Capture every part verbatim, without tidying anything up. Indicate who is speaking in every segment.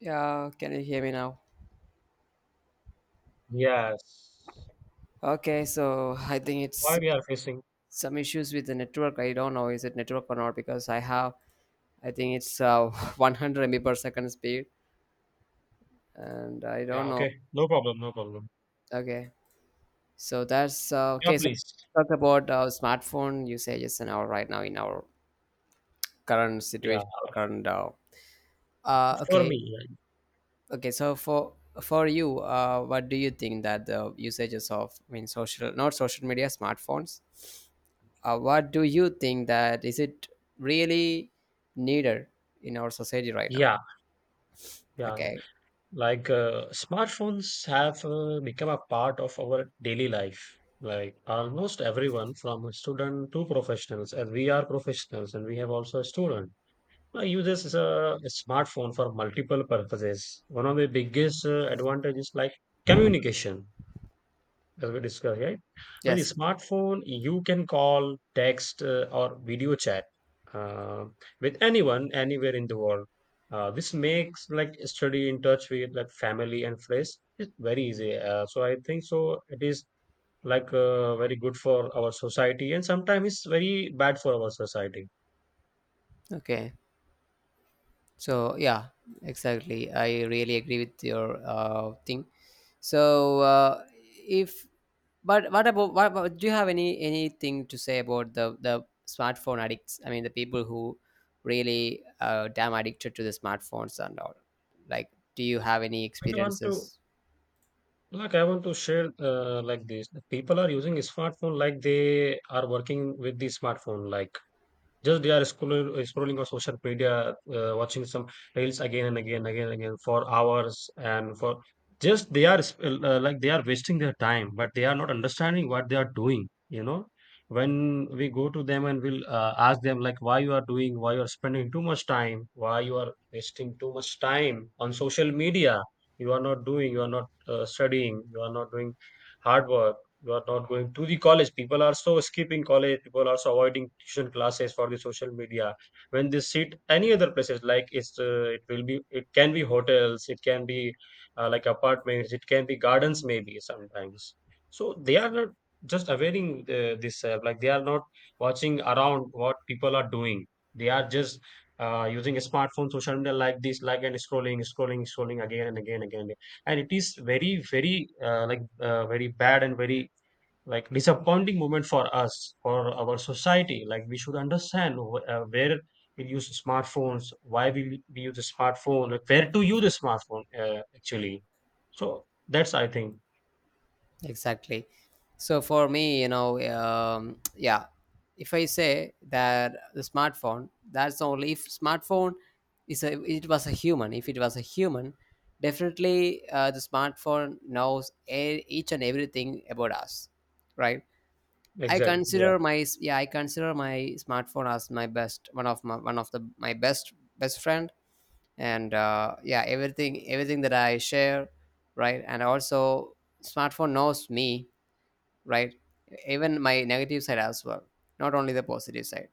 Speaker 1: Yeah, can you hear me now?
Speaker 2: Yes.
Speaker 1: Okay, so I think it's
Speaker 2: Why we are facing?
Speaker 1: some issues with the network. I don't know is it network or not because I have I think it's uh, one hundred M B per second speed and I don't
Speaker 2: Yeah,
Speaker 1: know.
Speaker 2: okay. No problem, no problem.
Speaker 1: Okay, so that's uh,
Speaker 2: Yeah,
Speaker 1: okay. So
Speaker 2: please.
Speaker 1: talk about uh, smartphone usages and our right now in our current
Speaker 2: Yeah.
Speaker 1: situation or current. Uh, uh,
Speaker 2: For
Speaker 1: okay,
Speaker 2: me,
Speaker 1: okay. So for for you, uh, what do you think that the usages of I mean social not social media smartphones? Uh, what do you think that is it really needed in our society right now?
Speaker 2: yeah, yeah, yeah, yeah.
Speaker 1: Okay.
Speaker 2: Like uh, smartphones have uh, become a part of our daily life. Like almost everyone, from a student to professionals, and we are professionals, and we have also a student. Uh, uses a smartphone for multiple purposes. One of the biggest uh, advantages, like communication. As we discussed, right? With the
Speaker 1: Yes.
Speaker 2: smartphone, you can call, text, uh, or video chat uh, with anyone, anywhere in the world. Uh, this makes like study in touch with like family and friends. It's very easy. Uh, so I think so. It is like uh, very good for our society, and sometimes it's very bad for our society.
Speaker 1: Okay. So yeah, exactly. I really agree with your uh, thing. So uh, if but what about what, about do you have any anything to say about the the smartphone addicts? I mean the people who really uh, damn addicted to the smartphones and all. Like, do you have any
Speaker 2: Like I want to
Speaker 1: experiences?
Speaker 2: like I want to share uh, like this. People are using smartphone like they are working with the smartphone, like just they are scrolling, uh, scrolling on social media, uh, watching some reels again and again again again for hours, and for just they are sp- uh, uh, like they are wasting their time, but they are not understanding what they are doing you know when we go to them and we'll uh, ask them, like, why you are doing, why you are spending too much time, why you are wasting too much time on social media. You are not doing, you are not uh, studying, you are not doing hard work, you are not going to the college. People are so skipping college, people are so avoiding tuition classes for the social media. When they sit any other places, like, it's uh, it will be it can be hotels, it can be uh, like apartments, it can be gardens maybe sometimes. So they are not just availing uh, this app, like they are not watching around what people are doing. They are just uh, using a smartphone social media like this, like, and scrolling, scrolling, scrolling again and again again. And it is very very uh, like uh, very bad and very like disappointing moment for us, for our society. Like, we should understand wh- uh, where we use smartphones, why we, we use a smartphone, like where to use a smartphone, uh, actually. So that's, I think.
Speaker 1: Exactly. So for me, you know, um, yeah, if I say that the smartphone, that's only if smartphone is a it was a human. If it was a human, definitely uh, the smartphone knows e- each and everything about us, right? I
Speaker 2: Exactly, yeah,
Speaker 1: consider my s- yeah, I consider my smartphone as my best one of my one of the my best best friend, and uh, yeah, everything everything that I share, right? And also, smartphone knows me, right? Even my negative side as well, not only the positive side.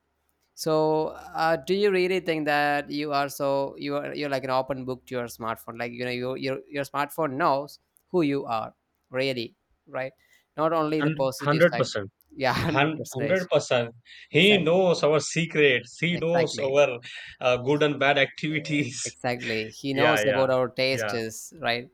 Speaker 1: So, uh, do you really think that you are so you are you're like an open book to your smartphone? Like you know, your your your smartphone knows who you are, really, right? Not only the
Speaker 2: and
Speaker 1: positive side.
Speaker 2: one hundred percent.
Speaker 1: Yeah, hundred
Speaker 2: Hun-
Speaker 1: percent.
Speaker 2: one hundred percent. He
Speaker 1: Exactly.
Speaker 2: knows our secrets, he knows
Speaker 1: Exactly.
Speaker 2: our uh, good and bad activities.
Speaker 1: Exactly. He
Speaker 2: Yeah,
Speaker 1: knows
Speaker 2: yeah,
Speaker 1: about our
Speaker 2: yeah,
Speaker 1: tastes, right?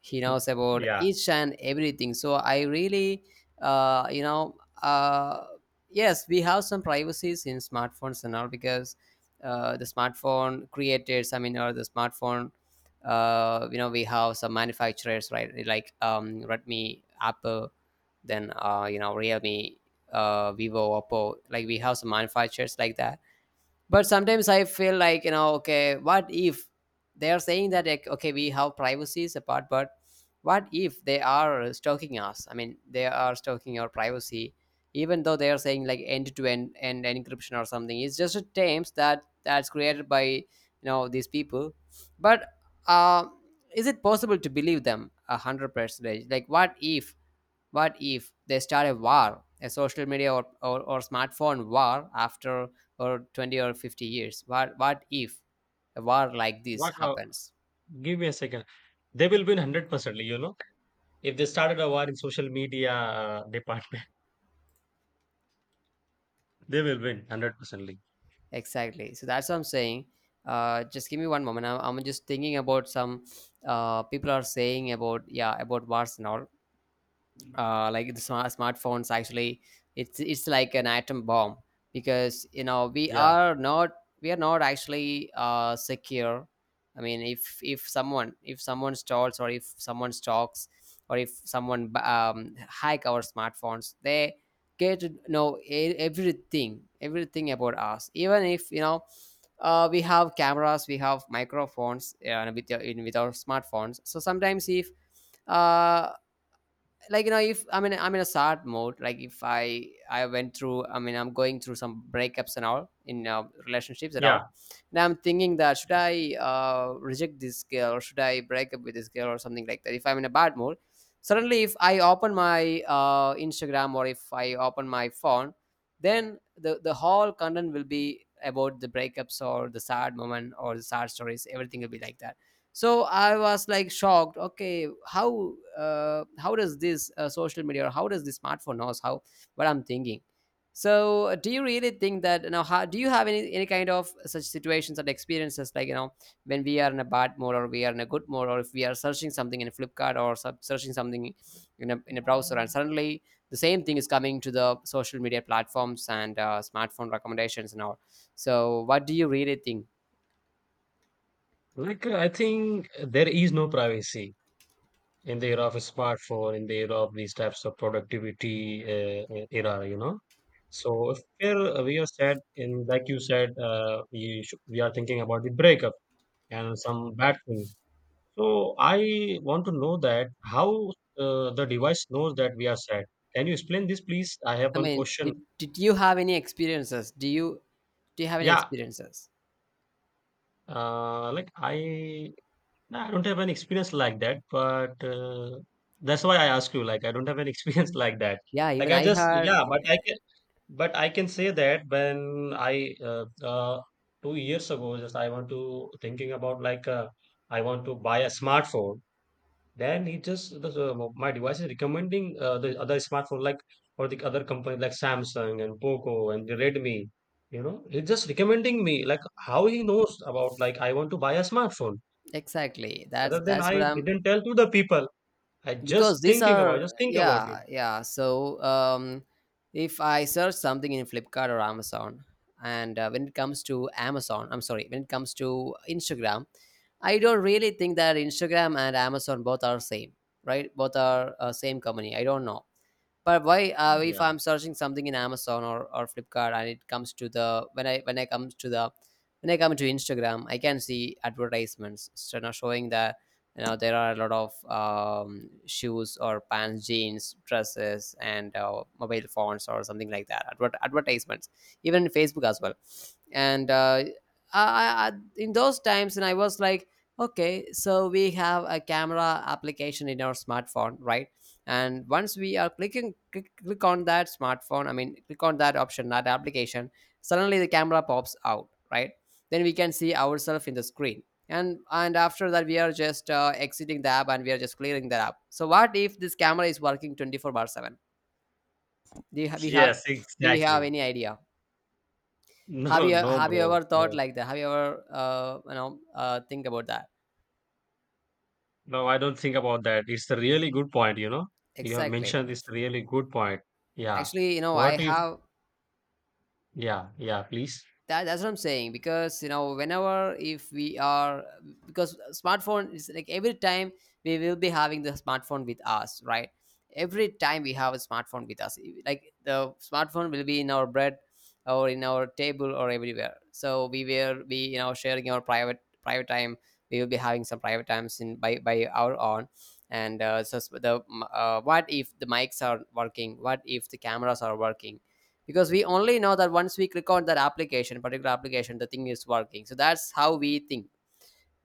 Speaker 1: He knows about
Speaker 2: yeah.
Speaker 1: each and everything. So I really, uh, you know, uh, yes, we have some privacies in smartphones and all because uh, the smartphone creators, I mean, or the smartphone, uh, you know, we have some manufacturers, right? Like um, Redmi, Apple, then uh, you know, Realme, uh, Vivo, Oppo. Like we have some manufacturers like that, but sometimes I feel like, you know, okay, what if they are saying that, like, okay, we have privacies apart, but what if they are stalking us? I mean they are stalking your privacy even though they are saying like end to end and encryption or something. It's just a terms that that's created by, you know, these people. But uh, is it possible to believe them a hundred percentage? Like what if, what if they start a war, a social media or, or, or smartphone war after or twenty or fifty years? What, what if a war like this
Speaker 2: what uh,
Speaker 1: happens?
Speaker 2: Give me a second. They will win one hundred percent you know If they started a war in social media uh, department, they will win one hundred percently.
Speaker 1: Exactly. So that's what I'm saying. Uh, just give me one moment. I'm, I'm just thinking about some uh, people are saying about, yeah, about wars and all. uh, like the smart smartphones actually it's it's like an atom bomb because you know we
Speaker 2: Yeah,
Speaker 1: are not, we are not actually uh, secure. I mean if if someone, if someone stalls or if someone stalks or if someone b- um, hack our smartphones, they get to know e- everything, everything about us. Even if you know uh, we have cameras, we have microphones uh, with, your- in, with our smartphones. So sometimes if uh, like you know, if I mean I'm in a sad mode, like if i i went through, I mean I'm going through some breakups and all in uh, relationships and all,
Speaker 2: yeah.
Speaker 1: and I'm thinking that should I uh, reject this girl or should I break up with this girl or something like that, if I'm in a bad mood, suddenly if I open my uh, Instagram or if I open my phone, then the the whole content will be about the breakups or the sad moment or the sad stories, everything will be like that. So I was like shocked, okay, how uh, how does this uh, social media or how does the smartphone knows how what I'm thinking. So uh, do you really think that now how, do you have any any kind of such situations and experiences? Like you know, when we are in a bad mode or we are in a good mode, or if we are searching something in Flipkart or sub- searching something in a, in a browser, and suddenly the same thing is coming to the social media platforms and uh, smartphone recommendations and all, so what do you really think?
Speaker 2: Like, uh, I think there is no privacy in the era of a smartphone, in the era of these types of productivity uh, uh, era, you know. So if we're, uh, we are sad, and like you said, uh, we, sh- we are thinking about the breakup and some bad things. So I want to know that how uh, the device knows that we are sad. Can you explain this, please? I have
Speaker 1: I
Speaker 2: one
Speaker 1: mean,
Speaker 2: question.
Speaker 1: did did you have any experiences? Do you do you have any
Speaker 2: Yeah.
Speaker 1: experiences?
Speaker 2: Uh, like I, no, I don't have an experience like that, but uh, that's why I ask you. Like, I don't have an experience like that.
Speaker 1: Yeah,
Speaker 2: Like
Speaker 1: even
Speaker 2: I
Speaker 1: I
Speaker 2: just,
Speaker 1: had,
Speaker 2: yeah, but I can, but I can say that when I uh, uh, two years ago, just I want to thinking about, like, uh, I want to buy a smartphone. Then he just the, the- um, my device is recommending uh, the other smartphone, like, or the other company like Samsung and Poco and the Redmi. You know, he's just recommending me, like, how he knows about, like, I want to buy a smartphone.
Speaker 1: exactly. That's
Speaker 2: Rather than
Speaker 1: that's what
Speaker 2: I
Speaker 1: I'm,
Speaker 2: didn't tell to the people. I
Speaker 1: because
Speaker 2: just
Speaker 1: these
Speaker 2: thinking about,
Speaker 1: are,
Speaker 2: just think about it.
Speaker 1: yeah, yeah. So um, if I search something in Flipkart or Amazon, and uh, when it comes to Amazon, I'm sorry, when it comes to Instagram, I don't really think that Instagram and Amazon both are same, right? Both are uh, same company. I don't know, but why uh, if
Speaker 2: Yeah.
Speaker 1: I'm searching something in Amazon or, or Flipkart, and it comes to the when i when i comes to the when I come to Instagram, I can see advertisements, so now showing that, you know, there are a lot of um, shoes or pants, jeans, dresses and uh, mobile phones or something like that Adver- advertisements, even in Facebook as well. And uh, I, I, I- in those times, and I was like, okay, so we have a camera application in our smartphone, right? And once we are clicking click, click on that smartphone, I mean click on that option, that application, suddenly the camera pops out, right? Then we can see ourselves in the screen. and and after that, we are just uh, exiting the app and we are just clearing the app. So what if this camera is working twenty-four bar seven? Do you have, we have
Speaker 2: Yes,
Speaker 1: Do we have
Speaker 2: exactly.
Speaker 1: any idea? Have
Speaker 2: No,
Speaker 1: you
Speaker 2: no,
Speaker 1: have you
Speaker 2: bro.
Speaker 1: ever thought
Speaker 2: No,
Speaker 1: like that? Have you ever uh, you know uh, think about that?
Speaker 2: no, I don't think about that. It's a really good point, you know. You have
Speaker 1: Exactly.
Speaker 2: mentioned this really good point. Yeah.
Speaker 1: Actually, you know, I
Speaker 2: What if,
Speaker 1: have,
Speaker 2: yeah, yeah, please.
Speaker 1: that, that's what I'm saying, because you know whenever if we are, because smartphone is like every time we will be having the smartphone with us, right? Every time we have a smartphone with us, like the smartphone will be in our bread or in our table or everywhere. So we will be, you know, sharing our private private time. We will be having some private times in by by our own, and uh, so s- the uh, what if the mics are working, what if the cameras are working? Because we only know that once we click on that application, particular application, the thing is working, so that's how we think.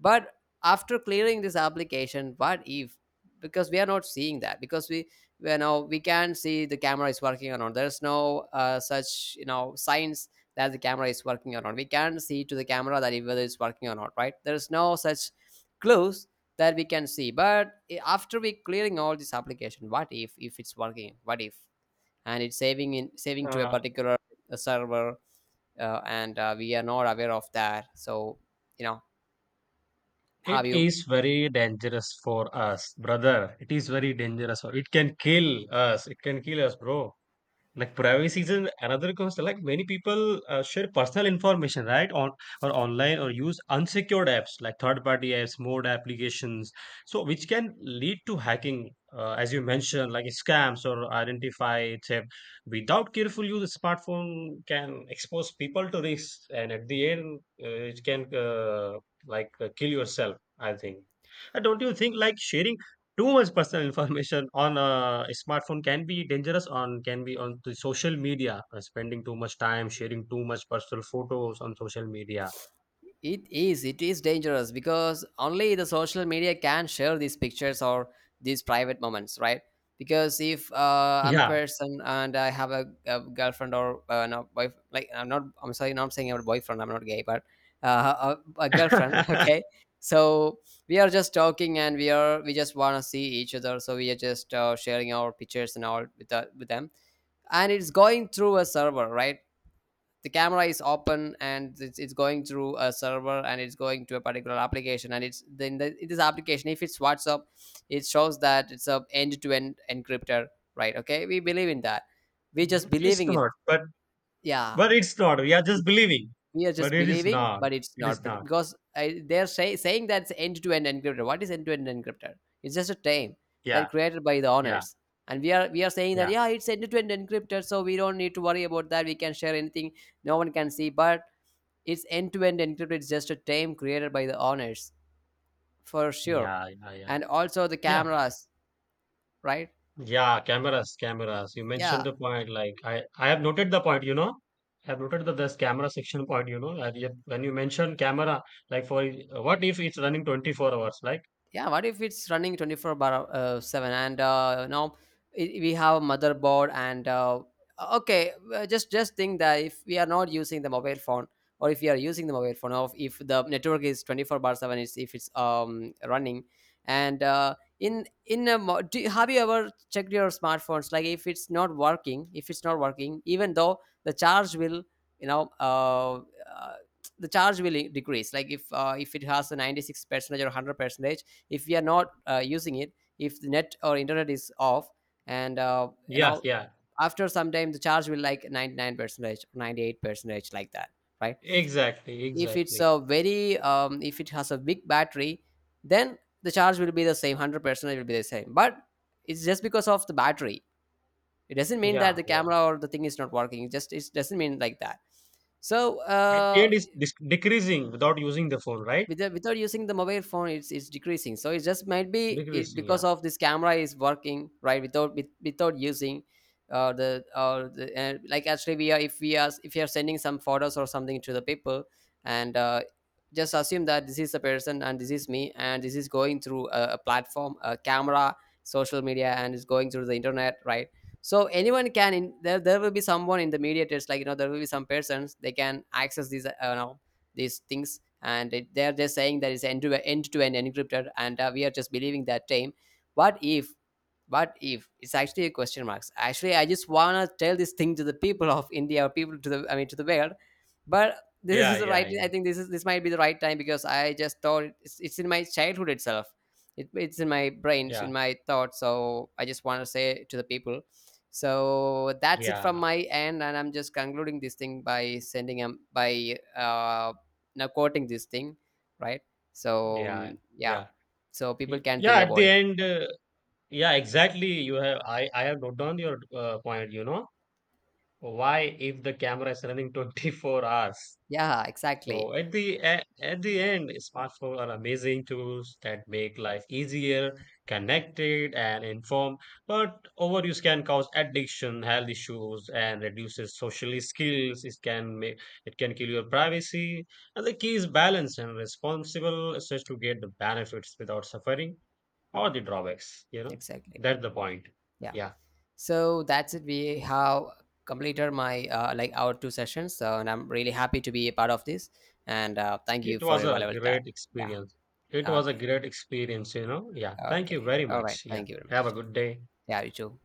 Speaker 1: But after clearing this application, what if, because we are not seeing that, because we, you know, we can see the camera is working or not. There's no uh, such, you know, signs that the camera is working or not. We can see to the camera that it- whether it's working or not, right? There's no such clues that we can see. But i- after we clearing all this application, what if if it's working, what if, and it's saving in, saving to a
Speaker 2: Uh,
Speaker 1: particular uh, server, uh, and uh, we are not aware of that. So, you know, have
Speaker 2: It
Speaker 1: you,
Speaker 2: is very dangerous for us, brother. It is very dangerous. It can kill us. It can kill us, bro. Like, privacy is an- another concern. Like, many people uh, share personal information, right, on or online, or use unsecured apps like third-party apps, mode applications. So which can lead to hacking, uh, as you mentioned, like scams or identify theft. Without careful use, smartphone can expose people to risks, and at the end, uh, it can uh, like uh, kill yourself, I think. Uh, don't you think, like, sharing too much personal information on a smartphone can be dangerous, on can be on the social media, uh, spending too much time, sharing too much personal photos on social media?
Speaker 1: it is. It is dangerous because only the social media can share these pictures or these private moments, right? Because if uh, I'm a
Speaker 2: Yeah.
Speaker 1: person and I have a, a girlfriend or uh, no, wife, like I'm not, I'm sorry, not saying I'm a boyfriend. I'm not gay, but uh, a, a girlfriend. Okay, so we are just talking and we are we just wanna see each other, so we are just uh, sharing our pictures and all with the, with them, and it's going through a server, right? The camera is open and it's, it's going through a server and it's going to a particular application, and it's then the, in this application, if it's WhatsApp, it shows that it's a end-to-end encryptor, right? Okay, we believe in that. We just
Speaker 2: It's
Speaker 1: believing it,
Speaker 2: not, but
Speaker 1: yeah.
Speaker 2: but it's not. We are just believing,
Speaker 1: We are
Speaker 2: but
Speaker 1: just
Speaker 2: it is
Speaker 1: believing,
Speaker 2: not.
Speaker 1: but it's
Speaker 2: It is
Speaker 1: not. But
Speaker 2: not.
Speaker 1: because I, they're say, saying that's end to end encrypted. What is end to end encrypted? It's just a term that
Speaker 2: Yeah,
Speaker 1: created by the
Speaker 2: yeah,
Speaker 1: owners, and we are we are saying that
Speaker 2: yeah,
Speaker 1: yeah, it's end to end encrypted, so we don't need to worry about that. We can share anything, no one can see. But it's end to end encrypted. It's just a term created by the owners for sure,
Speaker 2: yeah, yeah, yeah.
Speaker 1: and also the
Speaker 2: Yeah.
Speaker 1: cameras, right?
Speaker 2: Yeah, cameras, cameras. You mentioned
Speaker 1: Yeah,
Speaker 2: the point. Like, I, I have noted the point. You know, I have noted the this camera section point. You know, and yet when you mention camera, like for what if it's running twenty four hours? Like,
Speaker 1: yeah, what if it's running twenty-four bar uh, seven? And uh, now i- we have a motherboard, and uh, okay uh, just just think that if we are not using the mobile phone, or if we are using the mobile phone, or if the network is twenty-four bar seven, is if it's um running, and uh, in in a mo- do, you- have you ever checked your smartphones? Like if it's not working, if it's not working, even though the charge will, you know, uh, uh, the charge will i- decrease. Like if uh, if it has a ninety-six percentage or one hundred percent, if we are not uh, using it, if the net or internet is off, and uh, you
Speaker 2: yeah,
Speaker 1: know,
Speaker 2: yeah,
Speaker 1: after some time the charge will, like, ninety-nine percentage, ninety-eight percentage like that, right?
Speaker 2: exactly,
Speaker 1: If it's
Speaker 2: exactly.
Speaker 1: a very um, if it has a big battery, then the charge will be the same, 100 percent will be the same, but it's just because of the battery. It doesn't mean that
Speaker 2: Yeah,
Speaker 1: the
Speaker 2: yeah.
Speaker 1: camera or the thing is not working. It just, it doesn't mean like that. So
Speaker 2: At the
Speaker 1: uh,
Speaker 2: end, it's dis- decreasing without using the phone, right?
Speaker 1: without, without using the mobile phone it's it's decreasing, so it just might be it,
Speaker 2: Decreasing.
Speaker 1: because
Speaker 2: Yeah,
Speaker 1: of this camera is working, right, without, with, without using uh, the or the uh, like actually we are, if we are, if you are sending some photos or something to the people, and uh, just assume that this is a person and this is me, and this is going through a, a platform, a camera, social media, and it's going through the internet, right? So anyone can in, there there will be someone in the mediators, like you know, there will be some persons, they can access these uh, you know these things, and it, they're just saying that it's end to end to end encrypted, and uh, we are just believing that time. What if, what if it's actually a question marks? Actually, I just wanna tell this thing to the people of India, or people to the, I mean to the world. But this
Speaker 2: yeah,
Speaker 1: is the right,
Speaker 2: yeah,
Speaker 1: I think this is, this might be the right time, because I just thought it's, it's in my childhood itself. It, it's in my brain, it's
Speaker 2: yeah,
Speaker 1: in my thoughts, so I just want to say to the people. So that's it
Speaker 2: yeah,
Speaker 1: from
Speaker 2: yeah,
Speaker 1: my end, and I'm just concluding this thing by sending um by uh now quoting this thing, right? So
Speaker 2: yeah,
Speaker 1: um, yeah,
Speaker 2: yeah.
Speaker 1: so people
Speaker 2: Y-
Speaker 1: can
Speaker 2: Yeah,
Speaker 1: think
Speaker 2: at
Speaker 1: about
Speaker 2: the
Speaker 1: it.
Speaker 2: end, uh, yeah, exactly. You have I, I have noted down your uh, point. You know. Why, if the camera is running twenty four hours?
Speaker 1: Yeah, exactly.
Speaker 2: So at the e- at the end, smartphones are amazing tools that make life easier, connected, and informed. But overuse can cause addiction, health issues, and reduces social skills. It can make it can kill your privacy. And the key is balance and responsible access to get the benefits without suffering or the drawbacks. You know,
Speaker 1: Exactly,
Speaker 2: that's the point.
Speaker 1: yeah.
Speaker 2: Yeah.
Speaker 1: So that's it, we have completed my uh, like our two sessions, so, and I'm really happy to be a part of this, and uh, thank you
Speaker 2: It
Speaker 1: for
Speaker 2: was
Speaker 1: your
Speaker 2: a
Speaker 1: valuable time.
Speaker 2: great experience. It
Speaker 1: Yeah,
Speaker 2: was a
Speaker 1: okay.
Speaker 2: great experience, you know. Yeah. Thank you
Speaker 1: Okay,
Speaker 2: very
Speaker 1: all right,
Speaker 2: much. Yeah.
Speaker 1: thank you very
Speaker 2: Have
Speaker 1: much.
Speaker 2: a good day.
Speaker 1: Yeah, you too.